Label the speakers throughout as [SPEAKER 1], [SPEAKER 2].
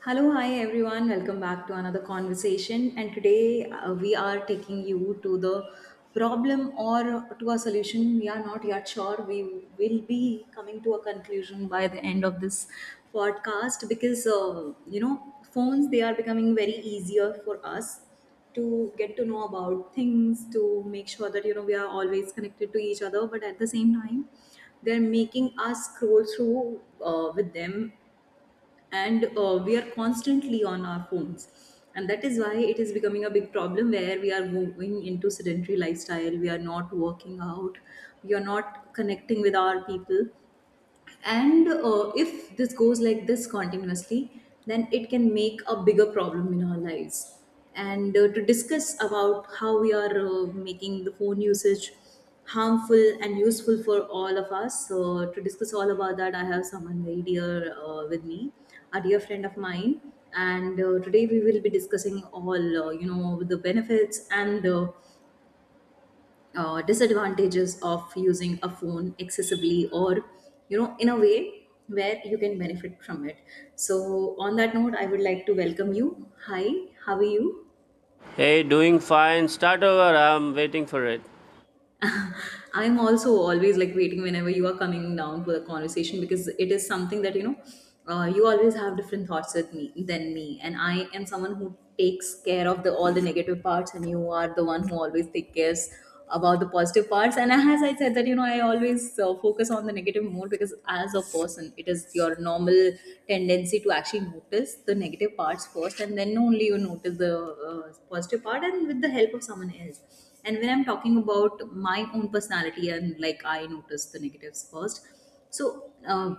[SPEAKER 1] Hello, hi everyone. Welcome back to another conversation. And today we are taking you to the problem or to a solution. We are not yet sure. We will be coming to a conclusion by the end of this podcast because, phones, they are becoming very easier for us to get to know about things, to make sure that you know we are always connected to each other, but at the same time they're making us scroll through with them. And we are constantly on our phones, and that is why it is becoming a big problem where we are moving into sedentary lifestyle. We are not working out, we are not connecting with our people. And if this goes like this continuously, then it can make a bigger problem in our lives. And to discuss about how we are making the phone usage harmful and useful for all of us, so to discuss all about that, I have someone very dear with me, a dear friend of mine. And today we will be discussing all you know, the benefits and disadvantages of using a phone excessively, or you know, in a way where you can benefit from it. So on that note, I would like to welcome you. Hi, how are you?
[SPEAKER 2] Hey, doing fine. Start over. I'm waiting for it.
[SPEAKER 1] I'm also always like waiting whenever you are coming down for the conversation, because it is something that you know, you always have different thoughts with me than me. And I am someone who takes care of the all the negative parts, and you are the one who always takes care about the positive parts. And as I said that you know, I always focus on the negative more, because as a person, it is your normal tendency to actually notice the negative parts first, and then only you notice the positive part, and with the help of someone else. And when I'm talking about my own personality, and like I notice the negatives first. so uh,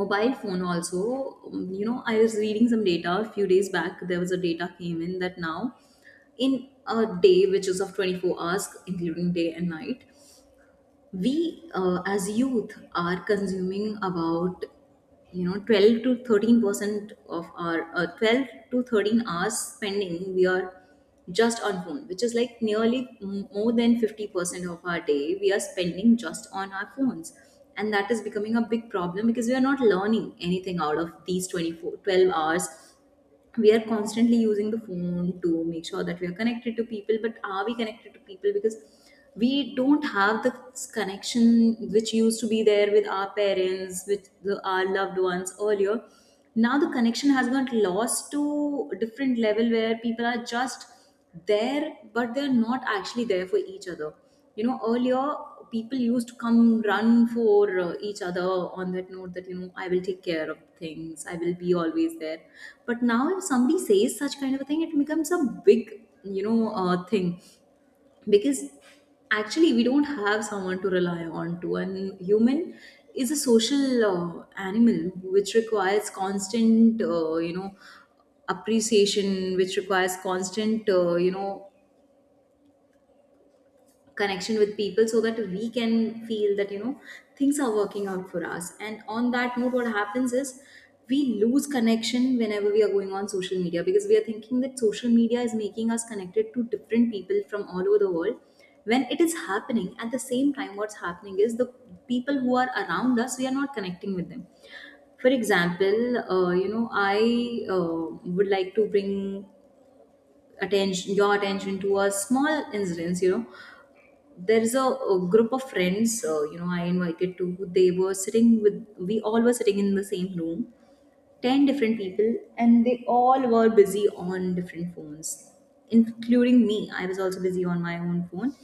[SPEAKER 1] Mobile phone also, you know, I was reading some data a few days back. There was a data came in that now in a day which is of 24 hours including day and night, we as youth are consuming about you know, 12 to 13% of our 12 to 13 hours spending. We are just on phone, which is like nearly more than 50% of our day we are spending just on our phones. And that is becoming a big problem, because we are not learning anything out of these 24, 12 hours. We are constantly using the phone to make sure that we are connected to people. But are we connected to people? Because we don't have the connection which used to be there with our parents, with our loved ones earlier. Now the connection has got lost to a different level, where people are just there but they're not actually there for each other. You know, earlier people used to come run for each other on that note, that you know, I will take care of things, I will be always there. But now if somebody says such kind of a thing, it becomes a big thing, because actually we don't have someone to rely on to. And human is a social animal, which requires constant appreciation, which requires constant connection with people, so that we can feel that you know, things are working out for us. And on that note, what happens is we lose connection whenever we are going on social media, because we are thinking that social media is making us connected to different people from all over the world. When it is happening, at the same time what's happening is the people who are around us, we are not connecting with them. For example, you know, I uh, would like to bring attention, your attention to a small incident. You know, there is a group of friends you know I invited to. They were sitting with, we all were sitting in the same room, 10 different people, and they all were busy on different phones, including me. I was also busy on my own phone.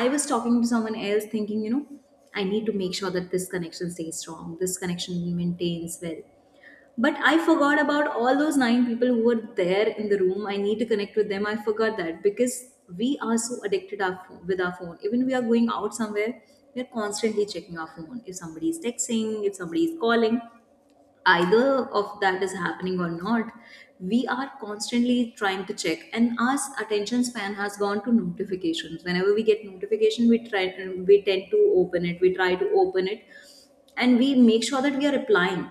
[SPEAKER 1] I was talking to someone else, thinking, you know, I need to make sure that this connection stays strong, this connection maintains well. But I forgot about all those 9 people who were there in the room. I need to connect with them, I forgot that, because we are so addicted our phone, with our phone. Even we are going out somewhere, we are constantly checking our phone, if somebody is texting, if somebody is calling, either of that is happening or not. We are constantly trying to check, and our attention span has gone to notifications. Whenever we get notification, we try, we tend to open it, we try to open it, and we make sure that we are replying.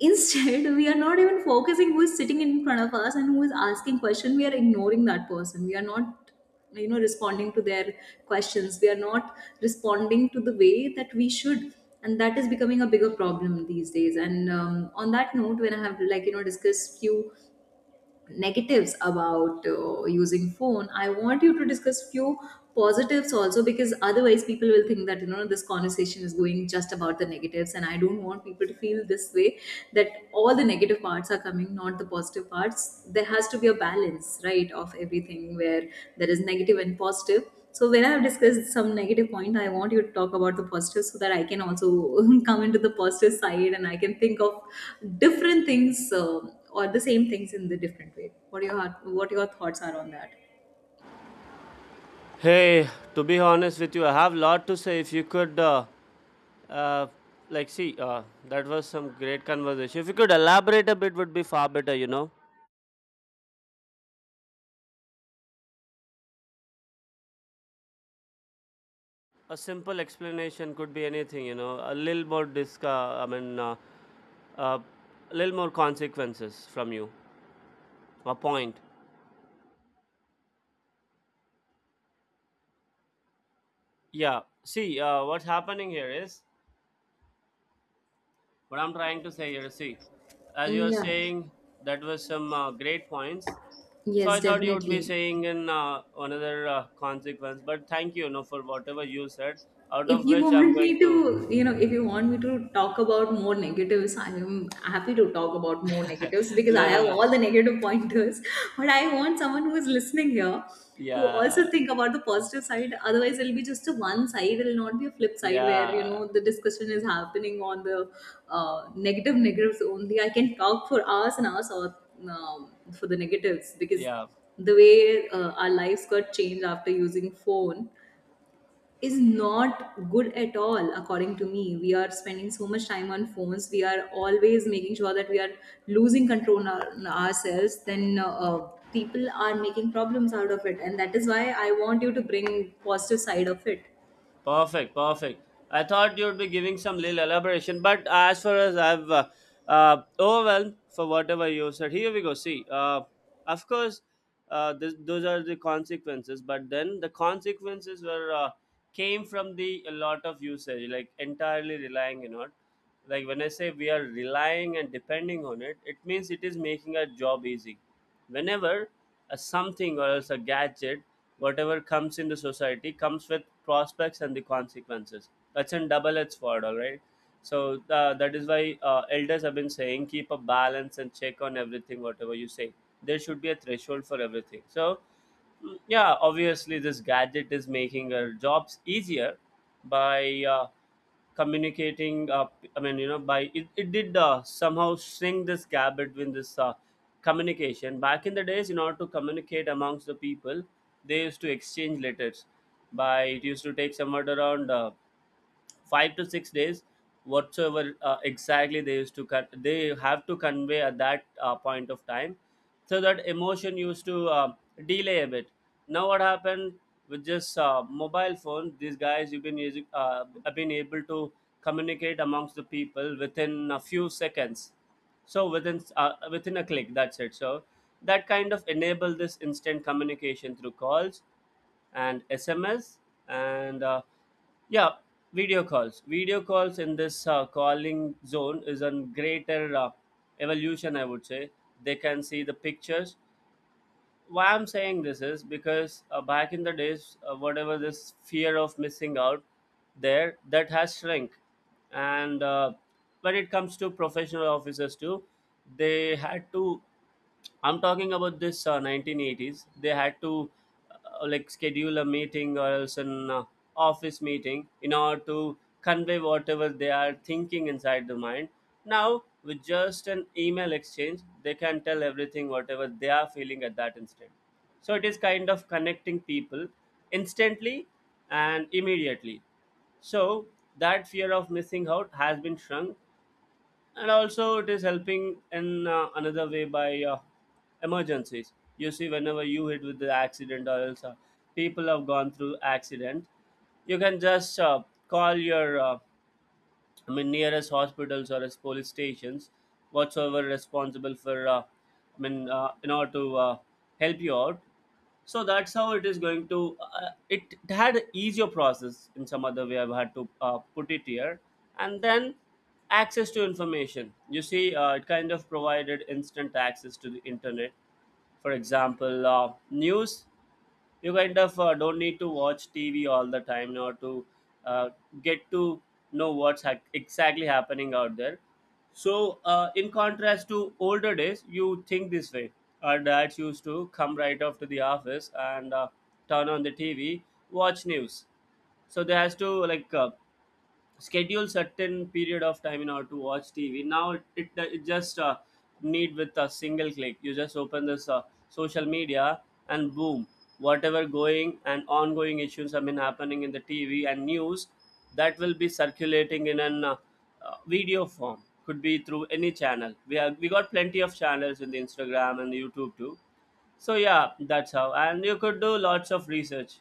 [SPEAKER 1] Instead, we are not even focusing who is sitting in front of us, and who is asking question. We are ignoring that person, we are not you know, responding to their questions. We are not responding to the way that we should. And that is becoming a bigger problem these days. And on that note, when I have like you know discussed few negatives about using phone, I want you to discuss few positives also. Because otherwise people will think that you know, this conversation is going just about the negatives, and I don't want people to feel this way, that all the negative parts are coming, not the positive parts. There has to be a balance, right, of everything where there is negative and positive. So when I've discussed some negative point, I want you to talk about the positive, so that I can also come into the positive side, and I can think of different things, um, or the same things in the different way. What are your, what your thoughts are on that?
[SPEAKER 2] Hey, to be honest with you, I have lot to say. If you could, uh, like, see, that was some great conversation. If you could elaborate a bit, would be far better. You know, a simple explanation could be anything. You know, a little more disc. I mean, uh, a little more consequences from you. A point. Yeah. See, what's happening here is what I'm trying to say here. See, as you
[SPEAKER 1] Mm,
[SPEAKER 2] are
[SPEAKER 1] yeah,
[SPEAKER 2] saying, that was some great points. So
[SPEAKER 1] yes,
[SPEAKER 2] I thought you would be
[SPEAKER 1] definitely.
[SPEAKER 2] saying in another consequence, but thank you, you know, for whatever you said. Out
[SPEAKER 1] If
[SPEAKER 2] of
[SPEAKER 1] you
[SPEAKER 2] which I'm
[SPEAKER 1] want
[SPEAKER 2] going
[SPEAKER 1] me to,
[SPEAKER 2] to
[SPEAKER 1] you know, if you want me to talk about more negatives, I am happy to talk about more negatives, because I
[SPEAKER 2] no no
[SPEAKER 1] have
[SPEAKER 2] no,
[SPEAKER 1] all the negative pointers but I want someone who is listening here to
[SPEAKER 2] yeah
[SPEAKER 1] also think about the positive side. Otherwise it'll be just a one side, it'll not be a flip side, where you
[SPEAKER 2] yeah
[SPEAKER 1] know the discussion is happening on the negatives only. I can talk for hours and hours, or for the negatives, because
[SPEAKER 2] yeah,
[SPEAKER 1] the way our lives got changed after using phone is not good at all according to me. We are spending so much time on phones, we are always making sure that we are losing control on, on ourselves, then people are making problems out of it, and that is why I want you to bring positive side of it.
[SPEAKER 2] perfect perfect. I thought you would be giving some little elaboration, but as far as I've overwhelmed for whatever you said, here we go. See, of course, those are the consequences, but then the consequences were came from the a lot of usage, like entirely relying on it. Like when I say we are relying and depending on it. It means it is making our job easy whenever a something or else a gadget whatever comes into society comes with prospects and the consequences. That's a double-edged sword, all right. So that is why elders have been saying keep a balance and check on everything whatever you say. There should be a threshold for everything. So yeah, obviously this gadget is making our jobs easier by communicating. I mean, you know, by it did somehow shrink this gap between this communication. Back in the days, in order to communicate amongst the people, they used to exchange letters. By it used to take somewhere around 5 to 6 days, whatsoever exactly they used to cut they have to convey at that point of time. So that emotion used to delay a bit. Now what happened, with just mobile phone these guys you've been using have been able to communicate amongst the people within a few seconds. So within a click, that's it. So that kind of enable this instant communication through calls and SMS and yeah, video calls. Video calls in this calling zone is a greater evolution, I would say. They can see the pictures. Why I'm saying this is because back in the days, whatever this fear of missing out there, that has shrunk. And when it comes to professional officers too, they had to. I'm talking about this 1980s. They had to like schedule a meeting or else an office meeting in order to convey whatever they are thinking inside the mind. Now, with just an email exchange, they can tell everything whatever they are feeling at that instant. So it is kind of connecting people instantly and immediately. So that fear of missing out has been shrunk, and also it is helping in another way by emergencies. You see, whenever you hit with the accident or else people have gone through accident, you can just call your I mean, nearest hospitals or as police stations, whatsoever responsible for, I mean, in order to help you out. So that's how it is going to. It had a easier process in some other way. I've had to put it here, and then access to information. You see, it kind of provided instant access to the internet. For example, news, you kind of don't need to watch TV all the time in order to uh, get to know what's exactly happening out there. So, in contrast to older days, you think this way. Our dads used to come right off to the office and turn on the TV, watch news. So they has to like schedule certain period of time in order to watch TV. Now it just need with a single click. You just open this social media and boom, whatever going and ongoing issues have been happening in the TV and news that will be circulating in an video form. Could be through any channel. We got plenty of channels in the Instagram and the YouTube too. So yeah, that's how. And you could do lots of research.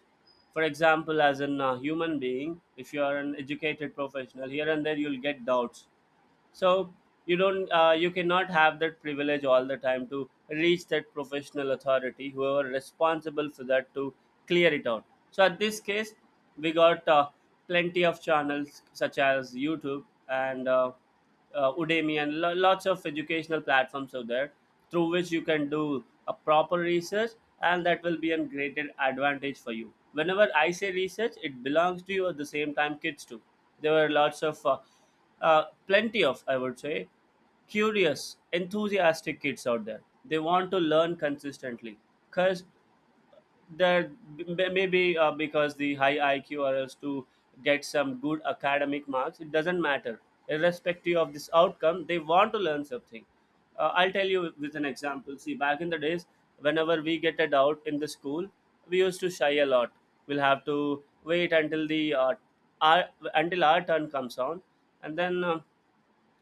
[SPEAKER 2] For example, as a human being, if you are an educated professional, here and there you'll get doubts. So you cannot have that privilege all the time to reach that professional authority whoever responsible for that to clear it out. So at this case, we got plenty of channels such as YouTube and Udemy and lots of educational platforms out there through which you can do a proper research, and that will be a greater advantage for you. Whenever I say research, it belongs to you. At the same time, kids too, there were lots of plenty of, I would say, curious enthusiastic kids out there. They want to learn consistently, because that maybe because the high IQ or else to get some good academic marks, it doesn't matter. Irrespective of this outcome, they want to learn something. I'll tell you with an example. See, back in the days, whenever we get a doubt in the school, we used to shy a lot. We'll have to wait until our, until our turn comes on, and then.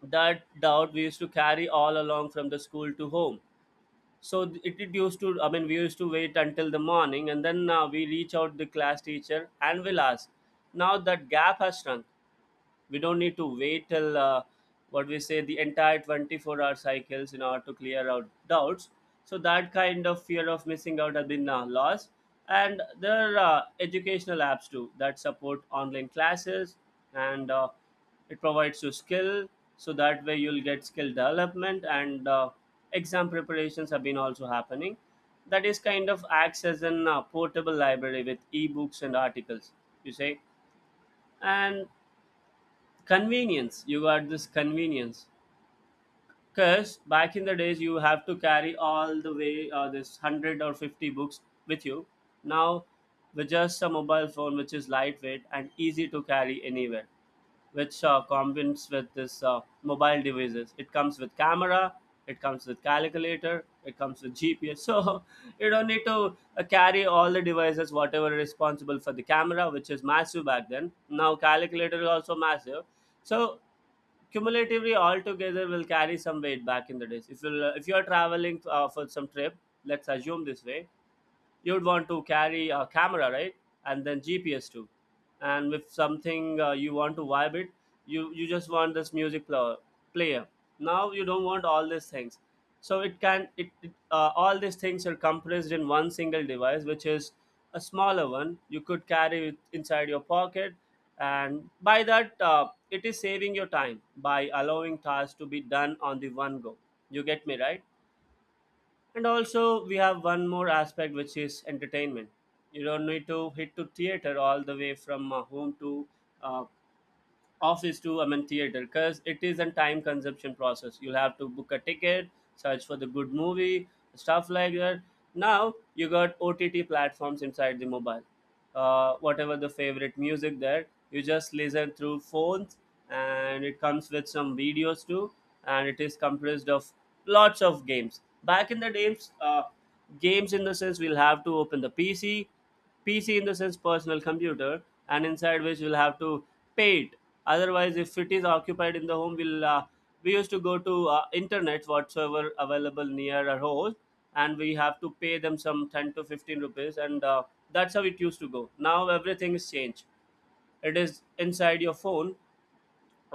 [SPEAKER 2] That doubt we used to carry all along from the school to home. So it used to, I mean, we used to wait until the morning, and then we reach out the class teacher and we'll ask. Now that gap has shrunk. We don't need to wait till what we say the entire 24-hour cycles in order to clear out doubts. So that kind of fear of missing out has been lost. And there are educational apps too that support online classes, and it provides you skill. So that way you'll get skill development and exam preparations have been also happening. That is kind of acts as an portable library with ebooks and articles, you say. And convenience. You got this convenience. Because back in the days, you have to carry all the way this 100 or 50 books with you. Now, with just a mobile phone, which is lightweight and easy to carry anywhere, which combines with this mobile devices. It comes with camera, it comes with calculator, it comes with GPS. So, you don't need to carry all the devices, whatever responsible for the camera, which is massive back then. Now, calculator is also massive. So cumulatively altogether will carry some weight back in the days. If you are traveling for some trip, let's assume this way, you'd want to carry a camera, right, and then GPS too, and with something you want to vibe it. You just want this music player. Now you don't want all these things. So it can it, it all these things are compressed in one single device, which is a smaller one, you could carry it inside your pocket, and by that it is saving your time by allowing tasks to be done on the one go. You get me, right? And also, we have one more aspect, which is entertainment. You don't need to hit to theater all the way from home to uh, office to, I mean, theater, because it is a time consumption process. You'll have to book a ticket, search for the good movie, stuff like that. Now you got OTT platforms inside the mobile. Whatever the favorite music there, you just listen through phones, and it comes with some videos too, and it is comprised of lots of games. Back in the days, games in the sense we'll have to open the PC. PC in the sense personal computer. And inside which we'll have to pay it, otherwise if it is occupied in the home, we used to go to internet whatsoever available near our house, and we have to pay them some 10 to 15 rupees. And that's how it used to go. Now everything is changed. It is inside your phone.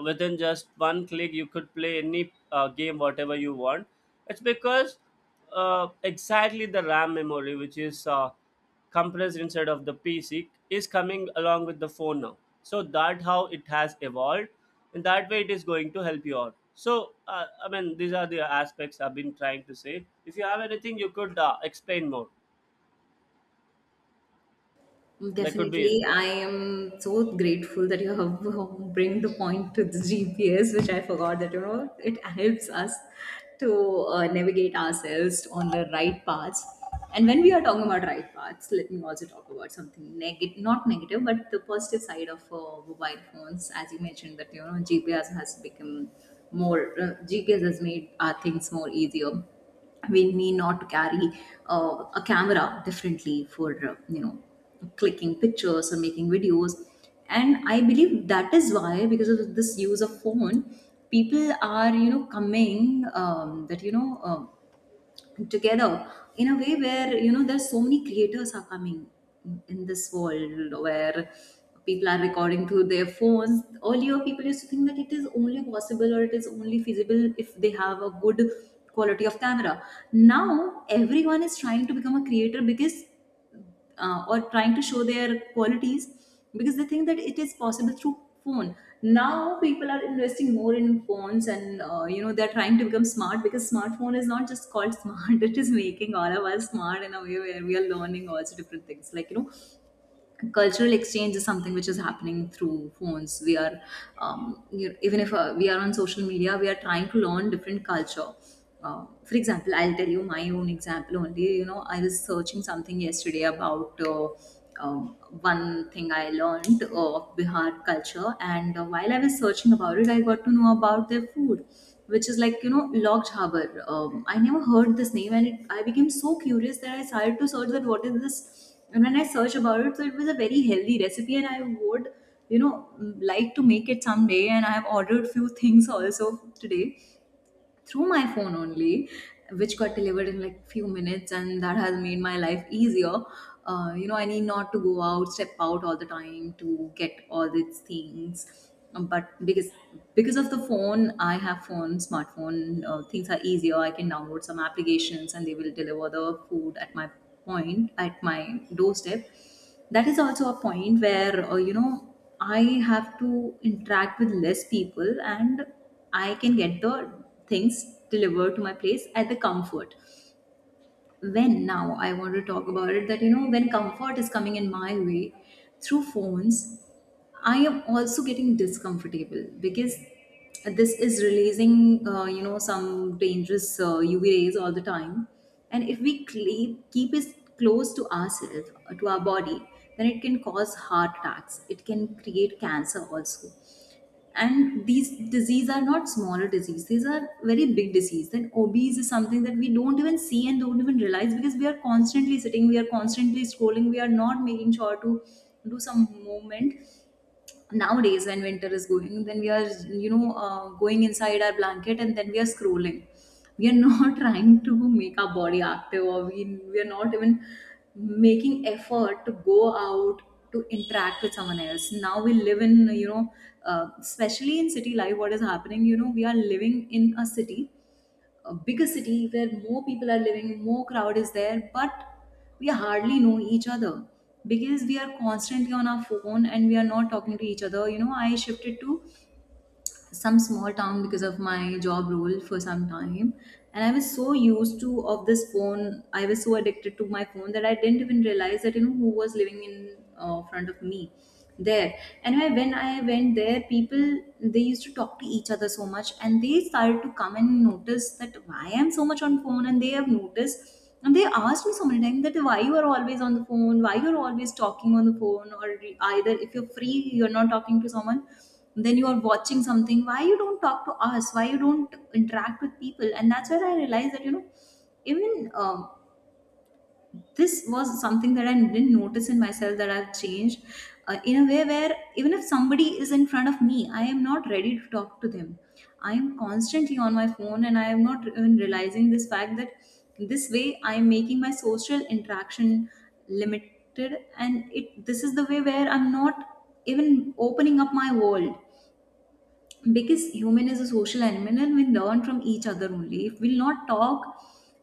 [SPEAKER 2] Within just one click you could play any game whatever you want. It's because exactly the ram memory which is compressed inside of the pc is coming along with the phone now. So that how it has evolved, and that way it is going to help you out. So I mean these are the aspects I've been trying to say. If you have anything, you could explain more. Like could be.
[SPEAKER 1] Definitely, I am so grateful that you have bring the point to the GPS, which I forgot that you know it helps us to navigate ourselves on the right paths. And when we are talking about right paths, let me also talk about something negative, not negative, but the positive side of mobile phones. As you mentioned, that you know GPS has become more GPS has made our things more easier. We need not to carry a camera differently for you know, clicking pictures or making videos. And I believe that is why, because of this use of phone, people are you know coming, that you know together, in a way where you know there's so many creators are coming in this world, where people are recording through their phones. Earlier people used to think that it is only possible or it is only feasible if they have a good quality of camera. Now everyone is trying to become a creator, because or trying to show their qualities, because they think that it is possible through phone. Now people are investing more in phones, and you know they're trying to become smart, because smartphone is not just called smart it is making all of us smart, in a way where we are learning also different things. Like you know, cultural exchange is something which is happening through phones. We are you know, even if we are on social media, we are trying to learn different culture. For example, I'll tell you my own example only. You know, I was searching something yesterday about um, one thing I learned of Bihar culture. And while I was searching about it, I got to know about their food, which is like you know, log jhabbar. I never heard this name, and I became so curious that I started to search that what is this, and when I searched about it, so it was a very healthy recipe and I would you know like to make it someday. And I have ordered few things also today through my phone only, which got delivered in like few minutes, and that has made my life easier. You know, I need not to go out, step out all the time to get all these things. But because of the phone, I have phone, smartphone, things are easier. I can download some applications and they will deliver the food at my point, at my doorstep. That is also a point where I have to interact with less people, and I can get the things delivered to my place at the comfort. When now I want to talk about it, that you know, when comfort is coming in my way through phones, I am also getting discomfortable, because this is releasing some dangerous UV rays all the time. And if we keep it close to ourselves, to our body, then it can cause heart attacks. It can create cancer also, and these disease are not smaller disease, these are very big disease. Then obese is something that we don't even see and don't even realize, because we are constantly sitting, we are constantly scrolling, we are not making sure to do some movement. Nowadays when winter is going, then we are going inside our blanket and then we are scrolling. We are not trying to make our body active, we are not even making effort to go out, to interact with someone else. Now we live in especially in city life, what is happening, you know, we are living in a city, a bigger city, where more people are living, more crowd is there, but we hardly know each other, because we are constantly on our phone and we are not talking to each other. You know, I shifted to some small town because of my job role for some time, and I was so used to of this phone, I was so addicted to my phone that I didn't even realize that you know who was living in front of me there. And when I went there, people, they used to talk to each other so much, and they started to come and notice that why I'm so much on phone, and they have noticed, and they asked me so many times that why you are always on the phone, why you're always talking on the phone, or either if you're free, you're not talking to someone, then you are watching something. Why you don't talk to us, why you don't interact with people? And that's where I realized that, you know, even this was something that I didn't notice in myself, that I've changed in a way where even if somebody is in front of me, I am not ready to talk to them. I am constantly on my phone and I am not even realizing this fact that this way I am making my social interaction limited, and it this is the way where I'm not even opening up my world. Because human is a social animal, and we learn from each other. Only if we'll not talk,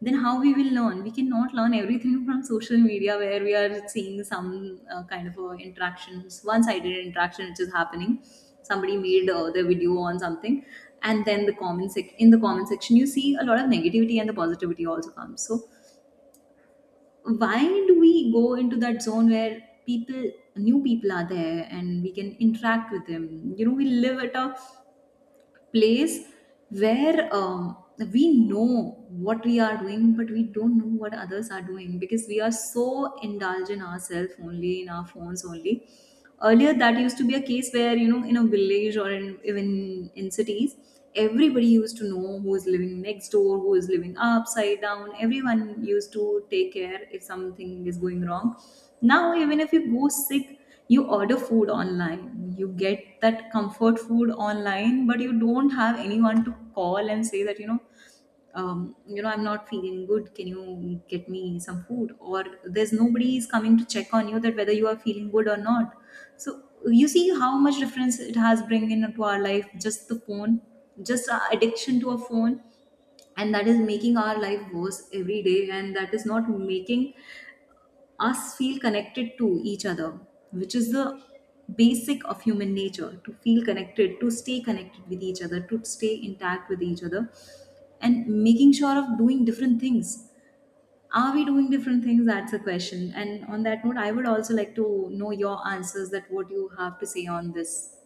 [SPEAKER 1] then how we will learn? We cannot learn everything from social media, where we are seeing some kind of interactions, one-sided interaction which is happening. Somebody made their video on something, and then the in the comment section you see a lot of negativity, and the positivity also comes. So why do we go into that zone where people, new people are there and we can interact with them? You know, we live at a place where we know what we are doing, but we don't know what others are doing, because we are so indulged in ourselves only, in our phones only. Earlier, that used to be a case where, you know, in a village even in cities, everybody used to know who is living next door, who is living upside down. Everyone used to take care if something is going wrong. Now, even if you go sick, you order food online, you get that comfort food online, but you don't have anyone to call and say that, you know, I'm not feeling good, can you get me some food? Or there's nobody is coming to check on you, that whether you are feeling good or not. So you see how much difference it has bring into our life, just the phone, just our addiction to a phone. And that is making our life worse every day, and that is not making us feel connected to each other, which is the basic of human nature, to feel connected, to stay connected with each other, to stay intact with each other, and making sure of doing different things. Are we doing different things? That's the question. And on that note, I would also like to know your answers, that what you have to say on this.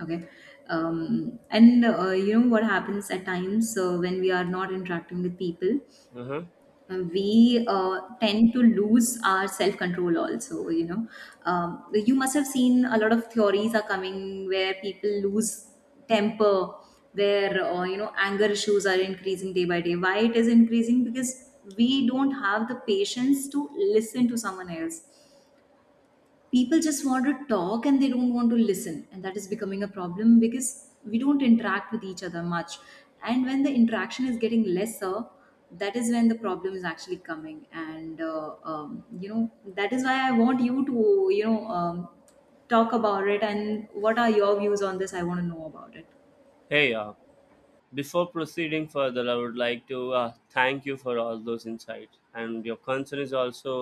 [SPEAKER 1] Okay. And You know what happens at times when we are not interacting with people?
[SPEAKER 2] Mhm.
[SPEAKER 1] We tend to lose our self control also, you know. You must have seen a lot of theories are coming where people lose temper, where anger issues are increasing day by day. Why it is increasing? Because we don't have the patience to listen to someone else. People just want to talk and they don't want to listen, and that is becoming a problem, because we don't interact with each other much. And when the interaction is getting lesser, that is when the problem is actually coming. And that is why I want you to talk about it, and what are your views on this, I want to know about it.
[SPEAKER 2] Hey, before proceeding further, I would like to thank you for all those insights, and your concern is also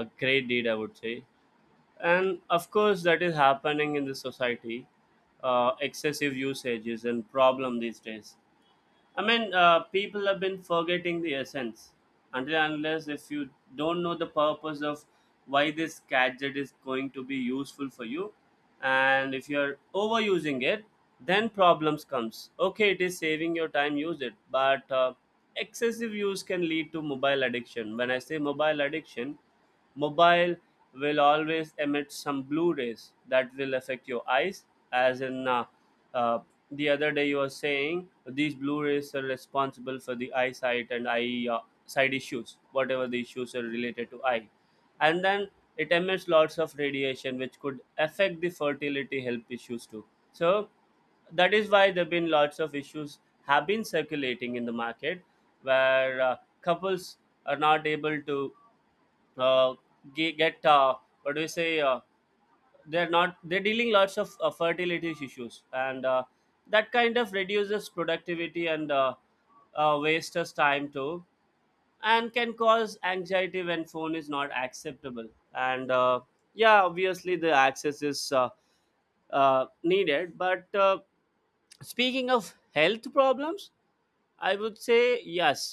[SPEAKER 2] a great deed, I would say. And of course, that is happening in the society. Excessive usage is a problem these days. I mean, people have been forgetting the essence until and unless if you don't know the purpose of why this gadget is going to be useful for you, and if you're overusing it, then problems comes. Okay, it is saving your time, use it, but excessive use can lead to mobile addiction. When I say mobile addiction, mobile will always emit some blue rays that will affect your eyes, as in. Uh, the other day you were saying these blue rays are responsible for the eyesight and eye side issues, whatever the issues are related to eye. And then it emits lots of radiation which could affect the fertility health issues too. So that is why there have been lots of issues have been circulating in the market where couples are not able to uh, get what do you say they're not they're dealing lots of fertility issues, and that kind of reduces productivity and wastes us time too, and can cause anxiety when phone is not acceptable, and yeah, obviously the access is needed, but speaking of health problems I would say yes.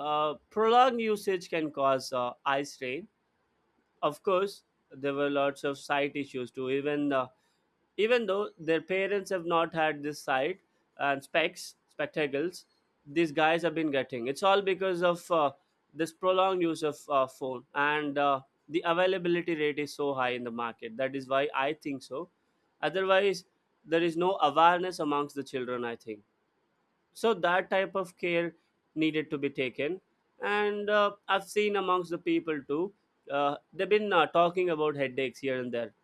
[SPEAKER 2] Prolonged usage can cause eye strain, of course. There were lots of side issues too, even even though their parents have not had this sight and specs, spectacles, these guys have been getting. It's all because of this prolonged use of phone, and the availability rate is so high in the market. That is why I think so. Otherwise, there is no awareness amongst the children, I think so. That type of care needed to be taken, and I've seen amongst the people too. They've been talking about headaches here and there.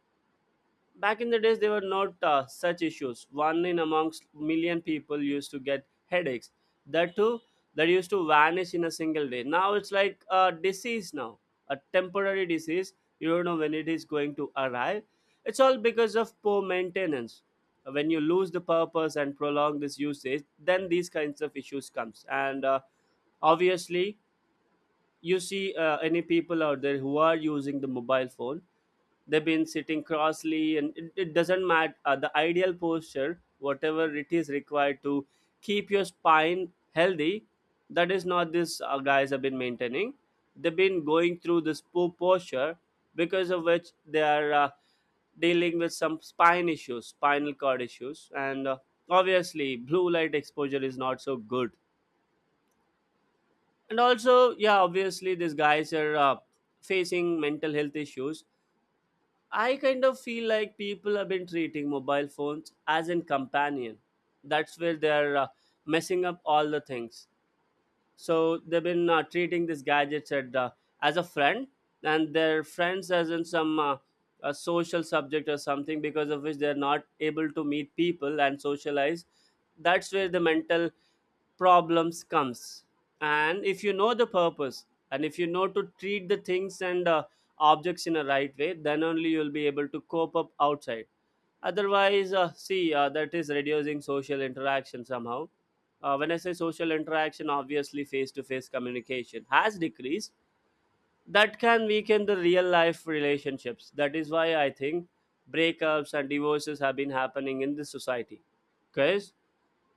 [SPEAKER 2] Back in the days there were not such issues. One in amongst million people used to get headaches, that too, that used to vanish in a single day. Now it's like a disease now, a temporary disease. You don't know when it is going to arrive. It's all because of poor maintenance. When you lose the purpose and prolong this usage, then these kinds of issues comes, and obviously, you see any people out there who are using the mobile phone, they've been sitting crossly and it doesn't matter the ideal posture whatever it is required to keep your spine healthy, that is not this guys have been maintaining. They've been going through this poor posture because of which they are dealing with some spine issues, spinal cord issues, and obviously blue light exposure is not so good. And also yeah, obviously these guys are facing mental health issues. I kind of feel like people have been treating mobile phones as in companion. That's where they are messing up all the things. So they've been treating this gadgets at, as a friend, and their friends as in some a social subject or something, because of which they're not able to meet people and socialize. That's where the mental problems comes. And if you know the purpose, and if you know to treat the things and objects in a right way, then only you'll be able to cope up outside. Otherwise see that is reducing social interaction somehow. When I say social interaction, obviously face to face communication has decreased. That can weaken the real life relationships. That is why I think breakups and divorces have been happening in this society, because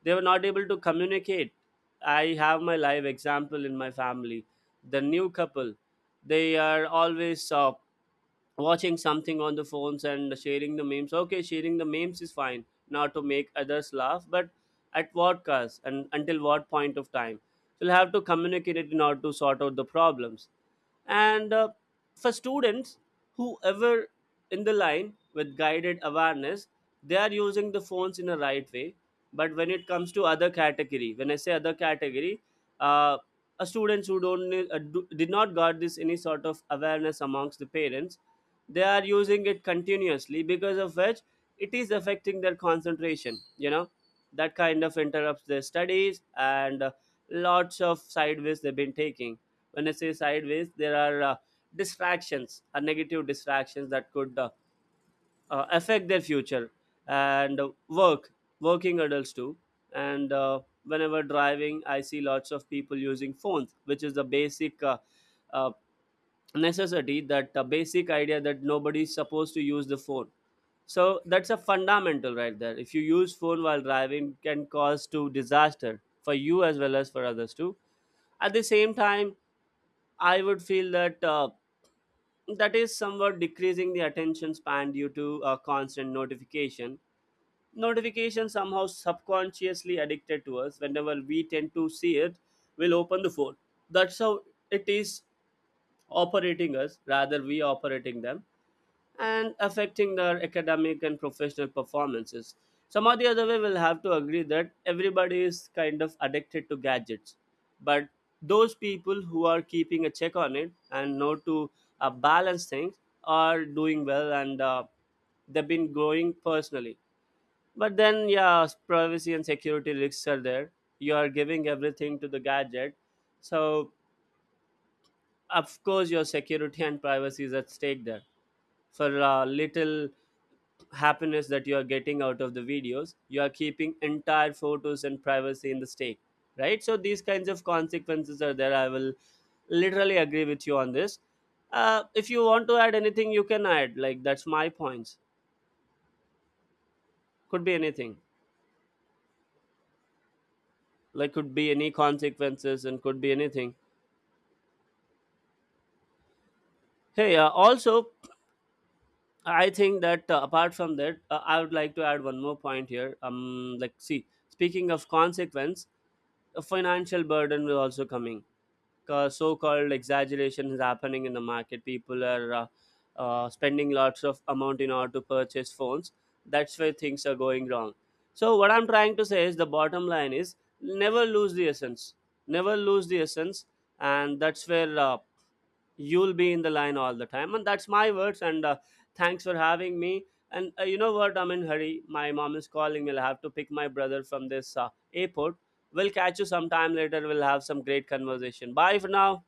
[SPEAKER 2] they were not able to communicate. I have my live example in my family. The new couple, they are always watching something on the phones and sharing the memes. Okay, sharing the memes is fine, not to make others laugh, but at what cost and until what point of time? You'll have to communicate it in order to sort out the problems. And for students, whoever in the line with guided awareness, they are using the phones in a right way. But when it comes to other category, when I say other category, uh, a students who don't need- do, did not got this any sort of awareness amongst the parents, they are using it continuously because of which it is affecting their concentration. You know, that kind of interrupts their studies, and lots of sideways they've been taking. When I say sideways, there are distractions, negative distractions that could affect their future and work, working adults too, and whenever driving I see lots of people using phones, which is the basic uh, necessity that basic idea that nobody is supposed to use the phone. So that's a fundamental right there. If you use phone while driving, can cause to disaster for you as well as for others too. At the same time, I would feel that that is somewhat decreasing the attention span due to constant notification. Notification somehow subconsciously addicted to us, whenever we tend to see it, we'll open the phone. That's how it is operating us rather we operating them, and affecting their academic and professional performances. Some or the other way, we'll have to agree that everybody is kind of addicted to gadgets. But those people who are keeping a check on it and know to balance things are doing well, and they've been growing personally. But then, yeah, privacy and security risks are there. You are giving everything to the gadget. So, of course, your security and privacy is at stake there. For little happiness that you are getting out of the videos, you are keeping entire photos and privacy in the stake, right? So these kinds of consequences are there. I will literally agree with you on this. If you want to add anything, you can add. Like that's my points. Could be anything. Like could be any consequences and could be anything. Hey, also I think that apart from that I would like to add one more point here. Like, see, speaking of consequence, a financial burden will also coming. So-called exaggeration is happening in the market. People are spending lots of amount in order to purchase phones. That's where things are going wrong. So what I'm trying to say is, the bottom line is never lose the essence. Never lose the essence. And that's where you'll be in the line all the time. And that's my words, and thanks for having me. And you know what, I'm in hurry, my mom is calling me. I'll have to pick my brother from this airport. We'll catch you sometime later. We'll have some great conversation. Bye for now.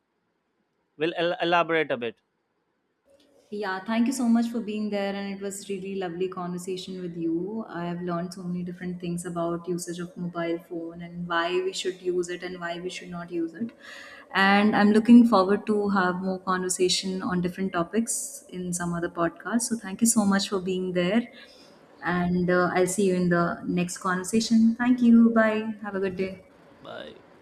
[SPEAKER 2] Elaborate a bit.
[SPEAKER 1] Yeah, thank you so much for being there, and it was really lovely conversation with you. I have learned so many different things about usage of mobile phone and why we should use it and why we should not use it. And I'm looking forward to have more conversation on different topics in some other podcast. So thank you so much for being there, and I'll see you in the next conversation. Thank you. Bye. Have a good day.
[SPEAKER 2] Bye.